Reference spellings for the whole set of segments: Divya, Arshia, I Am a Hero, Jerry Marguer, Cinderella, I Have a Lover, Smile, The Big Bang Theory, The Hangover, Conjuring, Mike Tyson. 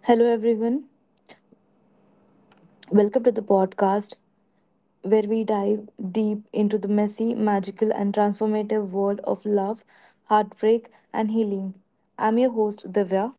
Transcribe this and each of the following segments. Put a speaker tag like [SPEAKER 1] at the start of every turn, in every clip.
[SPEAKER 1] Hello, everyone. Welcome to the podcast where we dive deep into the messy, magical, and transformative world of love, heartbreak, and healing. I'm your host, Divya,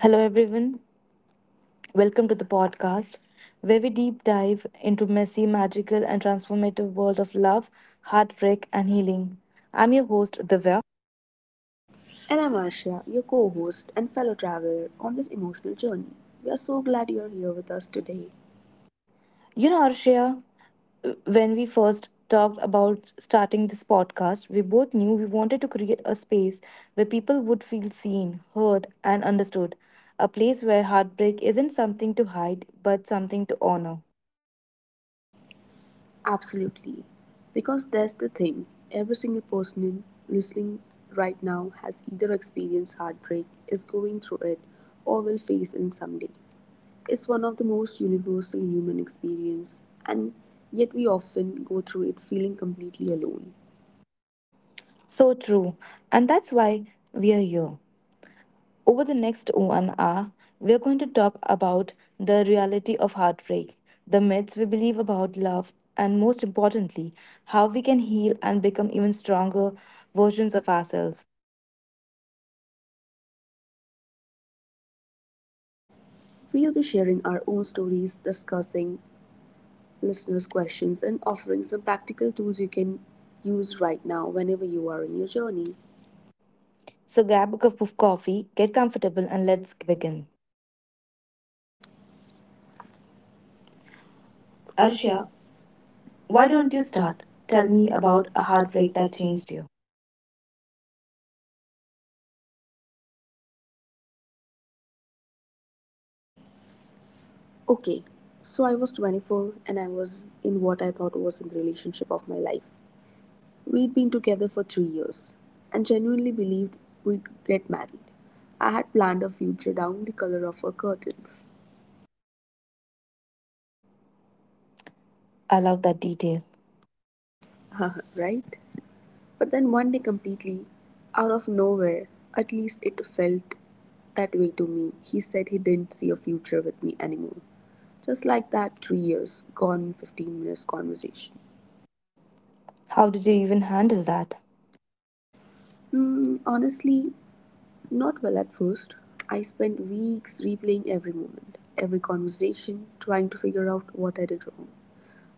[SPEAKER 2] Hello, everyone. Welcome to the podcast where we deep dive into messy, magical, and transformative world of love, heartbreak, and healing. I'm your host, Divya.
[SPEAKER 3] And I'm Arshia, your co host and fellow traveler on this emotional journey. We are so glad you're here with us today.
[SPEAKER 2] You know, Arshia, when we first talked about starting this podcast, we both knew we wanted to create a space where people would feel seen, heard, and understood. A place where heartbreak isn't something to hide, but something to honor.
[SPEAKER 3] Absolutely. Because that's the thing, every single person in listening right now has either experienced heartbreak, is going through it, or will face it someday. It's one of the most universal human experience, and yet we often go through it feeling completely alone.
[SPEAKER 2] So true. And that's why we are here. Over the next 1 hour, we are going to talk about the reality of heartbreak, the myths we believe about love, and most importantly, how we can heal and become even stronger versions of ourselves.
[SPEAKER 3] We'll be sharing our own stories, discussing listeners' questions and offering some practical tools you can use right now whenever you are in your journey.
[SPEAKER 2] So grab a cup of coffee, get comfortable, and let's begin.
[SPEAKER 3] Arshia,
[SPEAKER 2] Arshia, why
[SPEAKER 3] why don't
[SPEAKER 2] don't
[SPEAKER 3] you
[SPEAKER 2] you
[SPEAKER 3] start?
[SPEAKER 2] start? Tell
[SPEAKER 3] Tell
[SPEAKER 2] me
[SPEAKER 3] me
[SPEAKER 2] about
[SPEAKER 3] about a
[SPEAKER 2] a heartbreak
[SPEAKER 3] heartbreak
[SPEAKER 2] that
[SPEAKER 3] that changed.
[SPEAKER 2] changed you.
[SPEAKER 3] Okay, so I was 24 and I was in what I thought was in the relationship of my life. We'd been together for 3 years and genuinely believed we'd get married. I had planned a future down the color of her curtains.
[SPEAKER 2] I love that detail.
[SPEAKER 3] Right? But then one day, completely out of nowhere, at least it felt that way to me, he said he didn't see a future with me anymore. Just like that, 3 years gone, 15 minutes conversation.
[SPEAKER 2] How did you even handle that?
[SPEAKER 3] Hmm, honestly, not well at first. I spent weeks replaying every moment, every conversation, trying to figure out what I did wrong.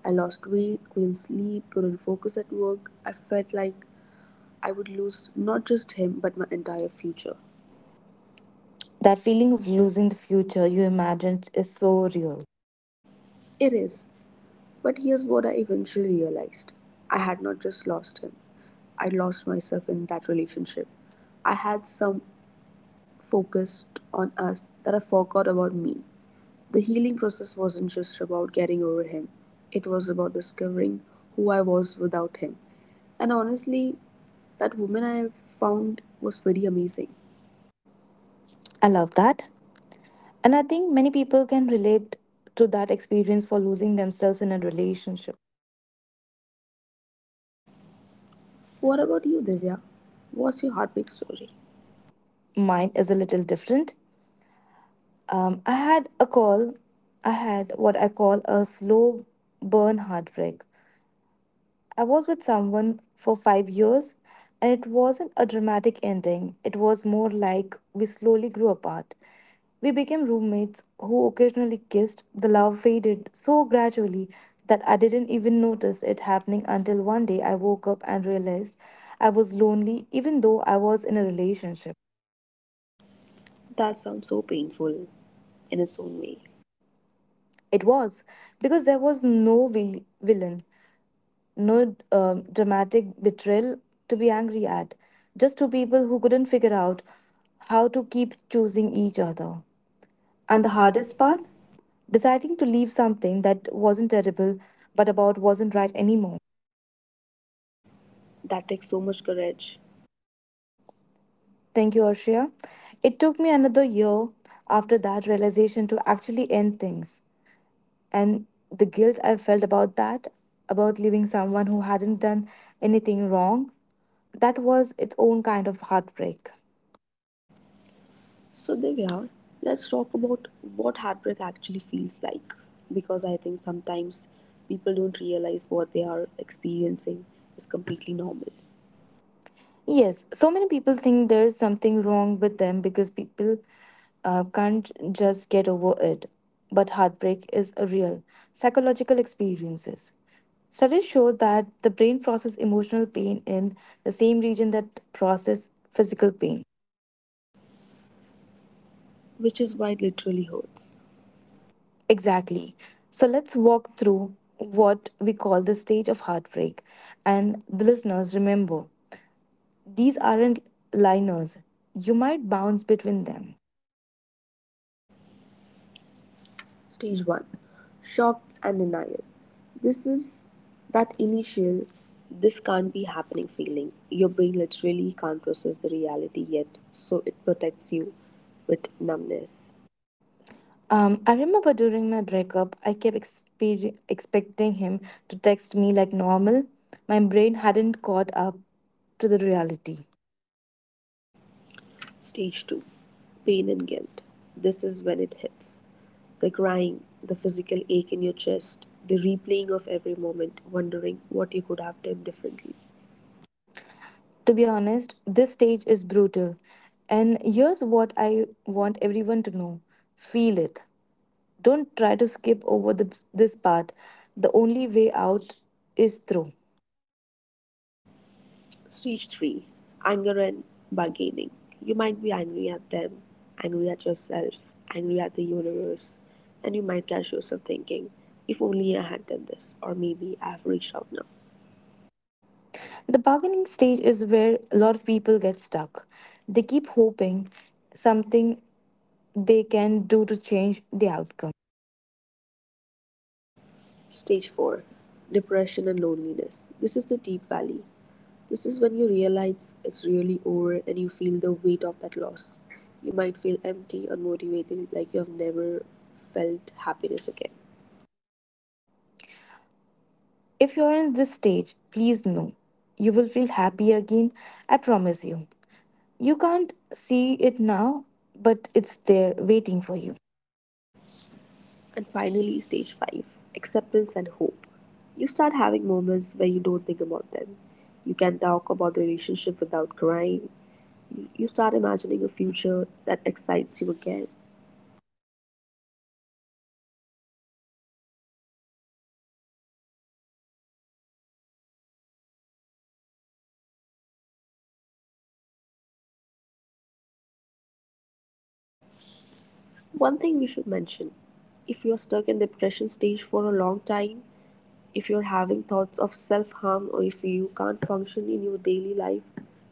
[SPEAKER 3] I lost weight, couldn't sleep, couldn't focus at work. I felt like I would lose not just him, but my entire future.
[SPEAKER 2] That feeling of losing the future you imagined is so real.
[SPEAKER 3] It is. But here's what I eventually realized: I had not just lost him, I lost myself in that relationship. I had some focused on us that I forgot about me. The healing process wasn't just about getting over him, it was about discovering who I was without him. And honestly, that woman I found was pretty amazing.
[SPEAKER 2] I love that. And I think many people can relate to that experience for losing themselves in a relationship.
[SPEAKER 3] What about you, Divya? What's your heartbreak story?
[SPEAKER 2] Mine is a little different. Um, I had a call, I had what I call a slow burn heartbreak. I was with someone for 5 years, and it wasn't a dramatic ending. It was more like we slowly grew apart. We became roommates who occasionally kissed. The love faded so gradually that I didn't even notice it happening until one day I woke up and realized I was lonely, even though I was in a relationship.
[SPEAKER 3] That sounds so painful in its own way.
[SPEAKER 2] It was because there was no villain. No dramatic betrayal to be angry at. Just two people who couldn't figure out how to keep choosing each other. And
[SPEAKER 3] And
[SPEAKER 2] the
[SPEAKER 3] the hardest
[SPEAKER 2] hardest
[SPEAKER 3] part?
[SPEAKER 2] part? Deciding to leave something that wasn't terrible but about wasn't right anymore.
[SPEAKER 3] That takes so much courage.
[SPEAKER 2] Thank you, Arshia. It took me another year after that realization to actually end things. And the guilt I felt about that, about leaving someone who hadn't done anything wrong, that was its own kind of heartbreak.
[SPEAKER 3] So, Divya, let's talk about what heartbreak actually feels like, because I think sometimes people don't realize what they are experiencing is completely normal,
[SPEAKER 2] Yes, so many people think there's something wrong with them because people can't just get over it. But heartbreak is a real psychological experiences. Studies show that the brain process emotional pain in the same region that process physical pain.
[SPEAKER 3] which is why it literally hurts.
[SPEAKER 2] Exactly. So let's walk through what we call the stage of heartbreak. And the listeners, remember, these aren't liners. You might bounce between them.
[SPEAKER 3] Stage 1, shock and denial. This is that initial, this can't be happening feeling. Your brain literally can't process the reality yet, so it protects you with numbness.
[SPEAKER 2] I remember during my breakup, I kept expecting him to text me like normal. My brain hadn't caught up to the reality.
[SPEAKER 3] Stage two, pain and guilt. This is when it hits. The crying, the physical ache in your chest, the replaying of every moment, wondering what you could have done differently.
[SPEAKER 2] To be honest, this stage is brutal. And here's what I want everyone to know, feel it. Don't try to skip over this part. The only way out is through.
[SPEAKER 3] Stage three, anger and bargaining. You might be angry at them, angry at yourself, angry at the universe, and you might catch yourself thinking, if only I had done this, or maybe I have reached out now.
[SPEAKER 2] The bargaining stage is where a lot of people get stuck. They keep hoping something they can do to change the outcome.
[SPEAKER 3] Stage 4, depression and loneliness. This is the deep valley. This is when you realize it's really over and you feel the weight of that loss. You might feel empty, unmotivated, like you have never felt happiness again.
[SPEAKER 2] If you're in this stage, please know you will feel happy again. I promise you. You can't see it now, but it's there waiting for you.
[SPEAKER 3] And finally, stage 5, acceptance and hope. You start having moments where you don't think about them. You can talk about the relationship without crying. You start imagining a future that excites you again.
[SPEAKER 2] And here's a beautiful thing, acceptance doesn't mean you are okay with what happened, it means you have stopped fighting reality and started working with it.
[SPEAKER 3] One thing we should mention: if you're stuck in depression stage for a long time, if you're having thoughts of self harm or if you can't function in your daily life,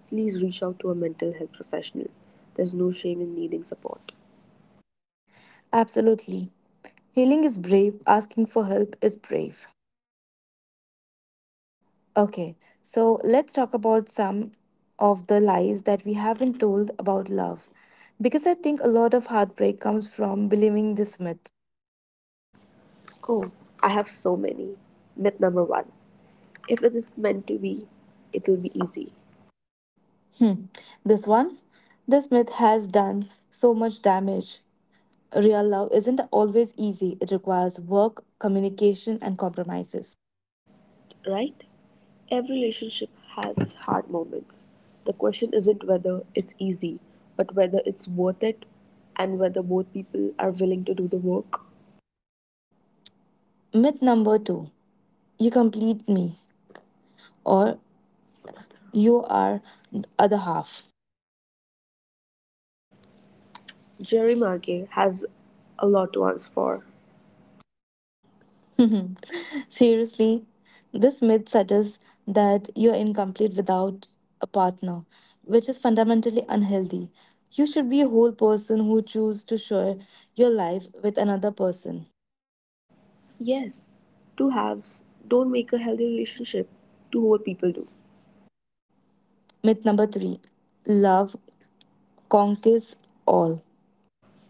[SPEAKER 3] please reach out to a mental health professional. There's no shame in needing support.
[SPEAKER 2] Absolutely. Healing is brave, asking for help is brave. Okay, so let's talk about some of the lies that we have been told about love. Because I think a lot of heartbreak comes from believing this myth.
[SPEAKER 3] Cool. I have so many. Myth number one, if it is meant to be, it'll be easy,
[SPEAKER 2] Hmm, this one? This myth has done so much damage. Real love isn't always easy, it requires work, communication, and compromises.
[SPEAKER 3] right? Every relationship has hard moments. The question isn't whether it's easy, but whether it's worth it and whether both people are willing to do the work.
[SPEAKER 2] Myth number two, you complete me, or you are the other half.
[SPEAKER 3] Jerry Marguer has a lot to answer for.
[SPEAKER 2] Seriously, this myth suggests that you're incomplete without a partner, which is fundamentally unhealthy. You should be a whole person who chooses to share your life with another person.
[SPEAKER 3] Yes, two halves don't make a healthy relationship. Two whole people do.
[SPEAKER 2] Myth number three, love conquers all.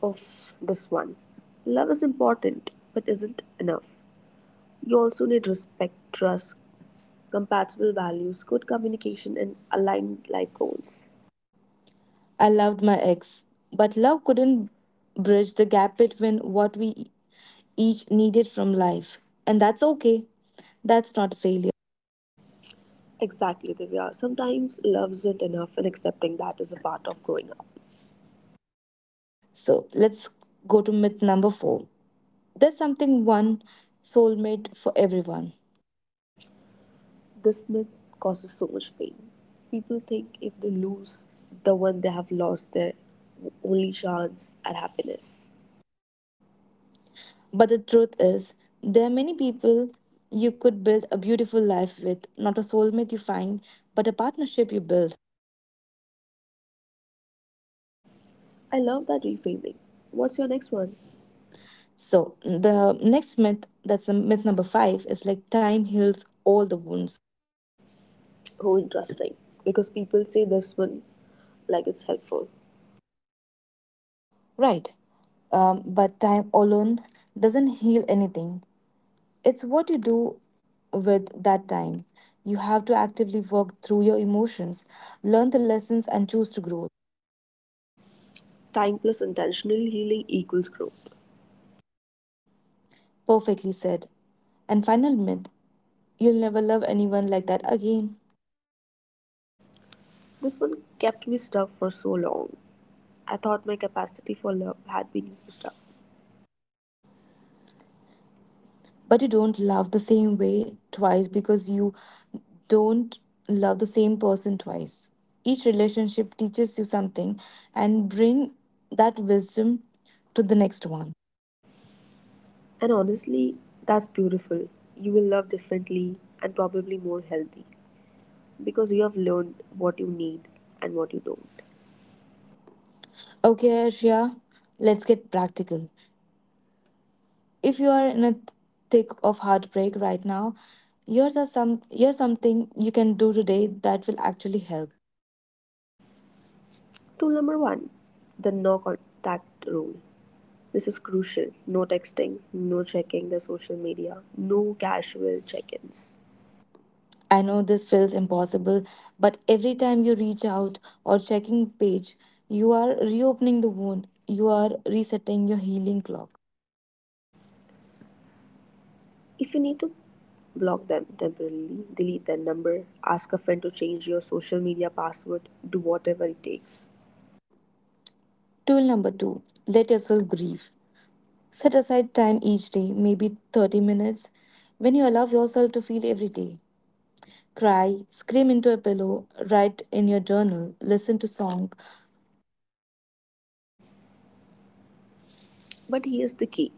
[SPEAKER 3] Of this one. Love is important, but isn't enough. You also need respect, trust, compatible values, good communication, and aligned life goals.
[SPEAKER 2] I loved my ex, but love couldn't bridge the gap between what we each needed from life. And that's okay. That's not failure.
[SPEAKER 3] Exactly, Divya. Sometimes love isn't enough, and accepting that is a part of growing up.
[SPEAKER 2] So let's go to myth number four. There's something one soulmate for everyone.
[SPEAKER 3] This myth causes so much pain. People think if they lose the one they have lost, their only chance at happiness.
[SPEAKER 2] But the truth is, there are many people you could build a beautiful life with, not a soulmate you find, but a partnership you build.
[SPEAKER 3] I love that reframing. What's your next one?
[SPEAKER 2] So, the next myth, that's the myth number five, is like time heals all the wounds.
[SPEAKER 3] Oh, interesting. Because people say this one like it's helpful.
[SPEAKER 2] Right. But time alone doesn't heal anything. It's what you do with that time. You have to actively work through your emotions, learn the lessons, and choose to grow.
[SPEAKER 3] Time plus intentional healing equals growth.
[SPEAKER 2] Perfectly said. And final myth, you'll never love anyone like that again.
[SPEAKER 3] This one kept me stuck for so long. I thought my capacity for love had been used up.
[SPEAKER 2] But you don't love the same way twice because you don't love the same person twice. Each relationship teaches you something and bring that wisdom to the next one.
[SPEAKER 3] And honestly, that's beautiful. You will love differently and probably more healthy because you have learned what you need and what you don't.
[SPEAKER 2] Okay, Arshia, let's get practical. If you are in a thick of heartbreak right now, here's something you can do today that will actually help.
[SPEAKER 3] Tool number one, the no contact rule. This is crucial: no texting, no checking their social media, no casual check ins.
[SPEAKER 2] I know this feels impossible, but every time you reach out or checking page, you are reopening the wound. You are resetting your healing clock.
[SPEAKER 3] If you need to block them temporarily, delete their number, ask a friend to change your social media password, do whatever it takes.
[SPEAKER 2] Tool number two, let yourself grieve. Set aside time each day, maybe 30 minutes, when you allow yourself to feel every day. Cry, scream into a pillow, write in your journal, listen to song.
[SPEAKER 3] But here's the key: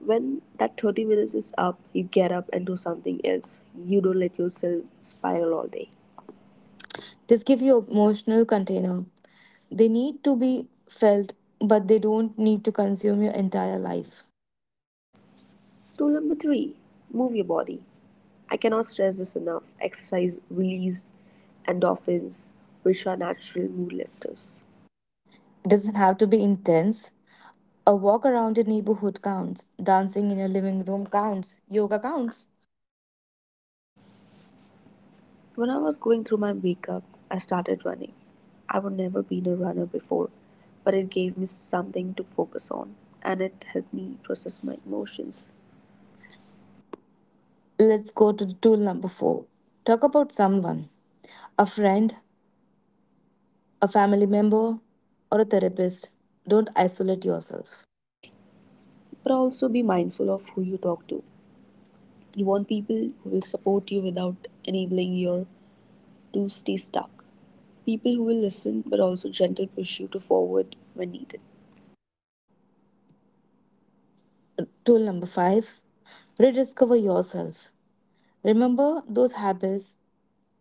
[SPEAKER 3] when that 30 minutes is up, you get up and do something else. You don't let yourself spiral all day.
[SPEAKER 2] This give you emotional container. They need to be felt, but they don't need to consume your entire life.
[SPEAKER 3] Tool number three, move your body. I cannot stress this enough. Exercise release endorphins, which are natural mood lifters.
[SPEAKER 2] It doesn't have to be intense. A walk around your neighborhood counts. Dancing in your living room counts. Yoga counts.
[SPEAKER 3] When I was going through my breakup, I started running. I would never been a runner before, but it gave me something to focus on and it helped me process my emotions.
[SPEAKER 2] Let's go to the tool number four. Talk about someone, a friend, a family member, or a therapist. Don't isolate yourself.
[SPEAKER 3] But also be mindful of who you talk to. You want people who will support you without enabling you to stay stuck. People who will listen but also gently push you to forward when needed.
[SPEAKER 2] Tool number five, rediscover yourself. Remember those habits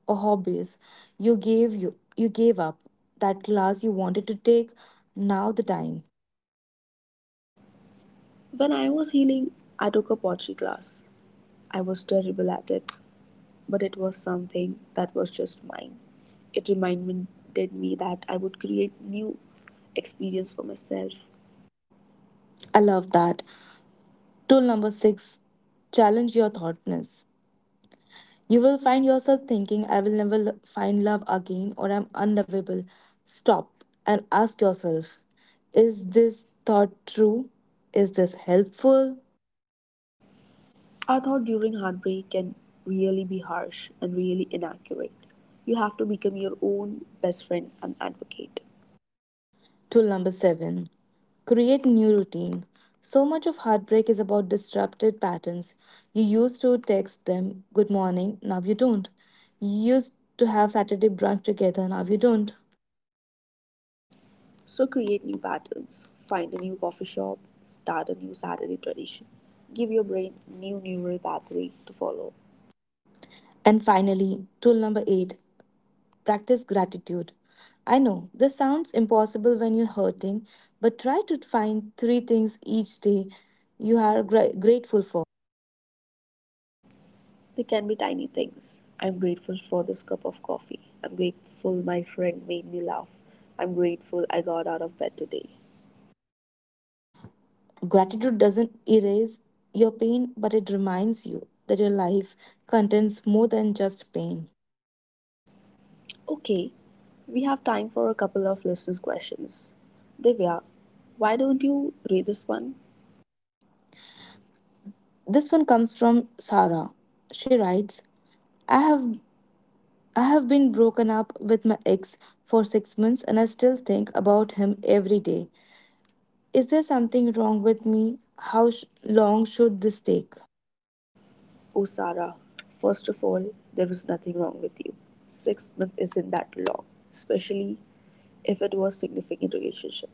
[SPEAKER 2] or hobbies you gave up, that class you wanted to take, now the time.
[SPEAKER 3] When I was healing, I took a pottery class. I was terrible at it, but it was something that was just mine. It reminded me that I would create new experience for myself.
[SPEAKER 2] I love that. Tool number six, challenge your thoughtness. You will find yourself thinking, I will never find love again, or I'm unlovable. Stop and ask yourself, is this thought true? Is this helpful?
[SPEAKER 3] I thought during heartbreak can really be harsh and really inaccurate. You have to become your own best friend and advocate.
[SPEAKER 2] Tool number seven, create new routine. So much of heartbreak is about disrupted patterns. You used to text them good morning, now you don't. You used to have Saturday brunch together, now you don't.
[SPEAKER 3] So create new patterns, find a new coffee shop, start a new Saturday tradition. Give your brain new neural pathway to follow.
[SPEAKER 2] And finally, tool number eight, practice gratitude. I know this sounds impossible when you're hurting, but try to find three things each day you are grateful for.
[SPEAKER 3] They can be tiny things. I'm grateful for this cup of coffee. I'm grateful my friend made me laugh. I'm grateful I got out of bed today.
[SPEAKER 2] Gratitude doesn't erase your pain, but it reminds you that your life contains more than just pain.
[SPEAKER 3] Okay, we have time for a couple of listeners' questions. Divya, why don't you read this one?
[SPEAKER 2] This one comes from Sarah. She writes, I have I have been broken up with my ex for 6 months and I still think about him every day. Is there something wrong with me? How long should this take?
[SPEAKER 3] Oh, Sarah, first of all, there is nothing wrong with you. 6 months isn't that long, especially if it was a significant relationship.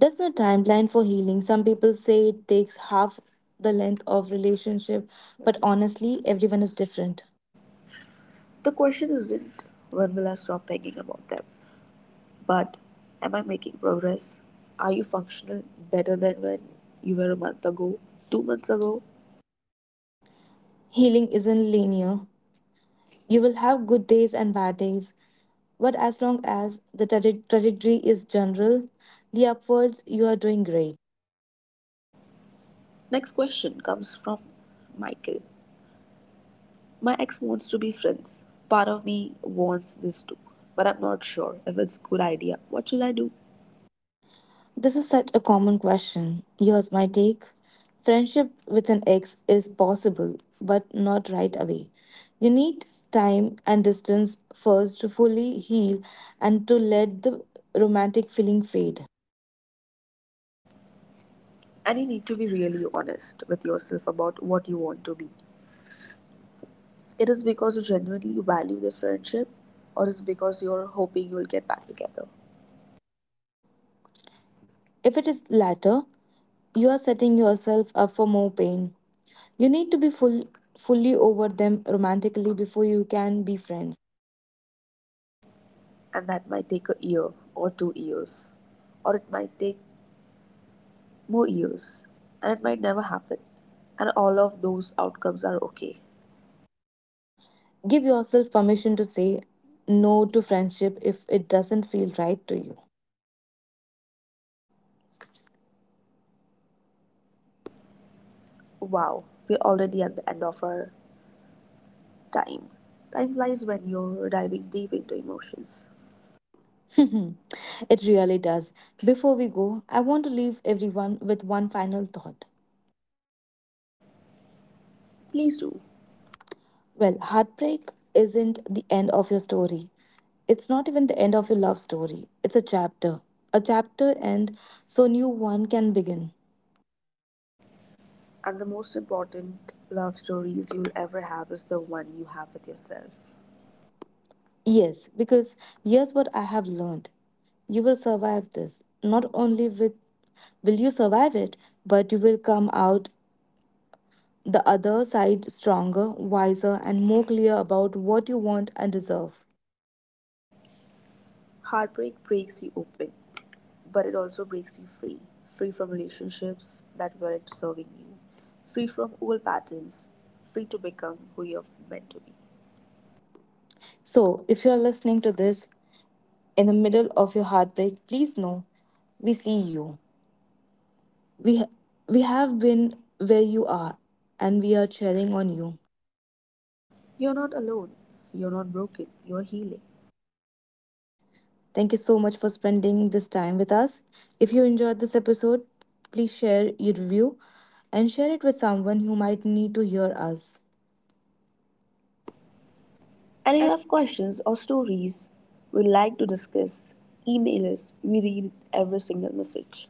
[SPEAKER 2] There's no timeline for healing. Some people say it takes half the length of relationship, but honestly, everyone is different.
[SPEAKER 3] The question isn't when will I stop thinking about them, but am I making progress? Are you functional better than when you were a month ago, 2 months ago?
[SPEAKER 2] Healing isn't linear. You will have good days and bad days, but as long as the trajectory is general, the upwards, you are doing great.
[SPEAKER 3] Next question comes from Michael. My ex wants to be friends. Part of me wants this too, but I'm not sure if it's a good idea. What should I do?
[SPEAKER 2] This is such a common question. Here's my take, friendship with an ex is possible, but not right away. You need time and distance first to fully heal and to let the romantic feeling fade.
[SPEAKER 3] And you need to be really honest with yourself about what you want to be. It is because you genuinely value the friendship, or is it because you're hoping you'll get back together?
[SPEAKER 2] If it is latter, you are setting yourself up for more pain. You need to be fully over them romantically before you can be friends.
[SPEAKER 3] And that might take a year or 2 years, or it might take more years, and it might never happen. And all of those outcomes are okay.
[SPEAKER 2] Give yourself permission to say no to friendship if it doesn't feel right to you.
[SPEAKER 3] Wow, we're already at the end of our time. Time flies when you're diving deep into emotions.
[SPEAKER 2] It really does. Before we go, I want to leave everyone with one final thought.
[SPEAKER 3] Please do.
[SPEAKER 2] Well, heartbreak isn't the end of your story. It's not even the end of your love story. It's a chapter. A chapter, and so new one can begin.
[SPEAKER 3] And the most important love stories you'll ever have is the one you have with yourself.
[SPEAKER 2] Yes, because here's what I have learned. You will survive this. Not only with will you survive it, but you will come out the other side stronger, wiser, and more clear about what you want and deserve.
[SPEAKER 3] Heartbreak breaks you open, but it also breaks you free. Free from relationships that weren't serving you, free from old patterns, free to become who you're meant to be.
[SPEAKER 2] So, if you're listening to this in the middle of your heartbreak, please know we see you. We we have been where you are and we are cheering on you.
[SPEAKER 3] You're not alone. You're not broken. You're healing.
[SPEAKER 2] Thank you so much for spending this time with us. If you enjoyed this episode, please share your review and share it with someone who might need to hear us.
[SPEAKER 3] And if you have questions or stories we'd like to discuss, email us. We read every single message.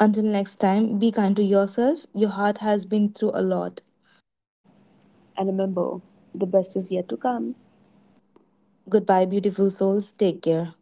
[SPEAKER 2] Until next time, be kind to yourself. Your heart has been through a lot.
[SPEAKER 3] And remember, the best is yet to come.
[SPEAKER 2] Goodbye, beautiful souls. Take care.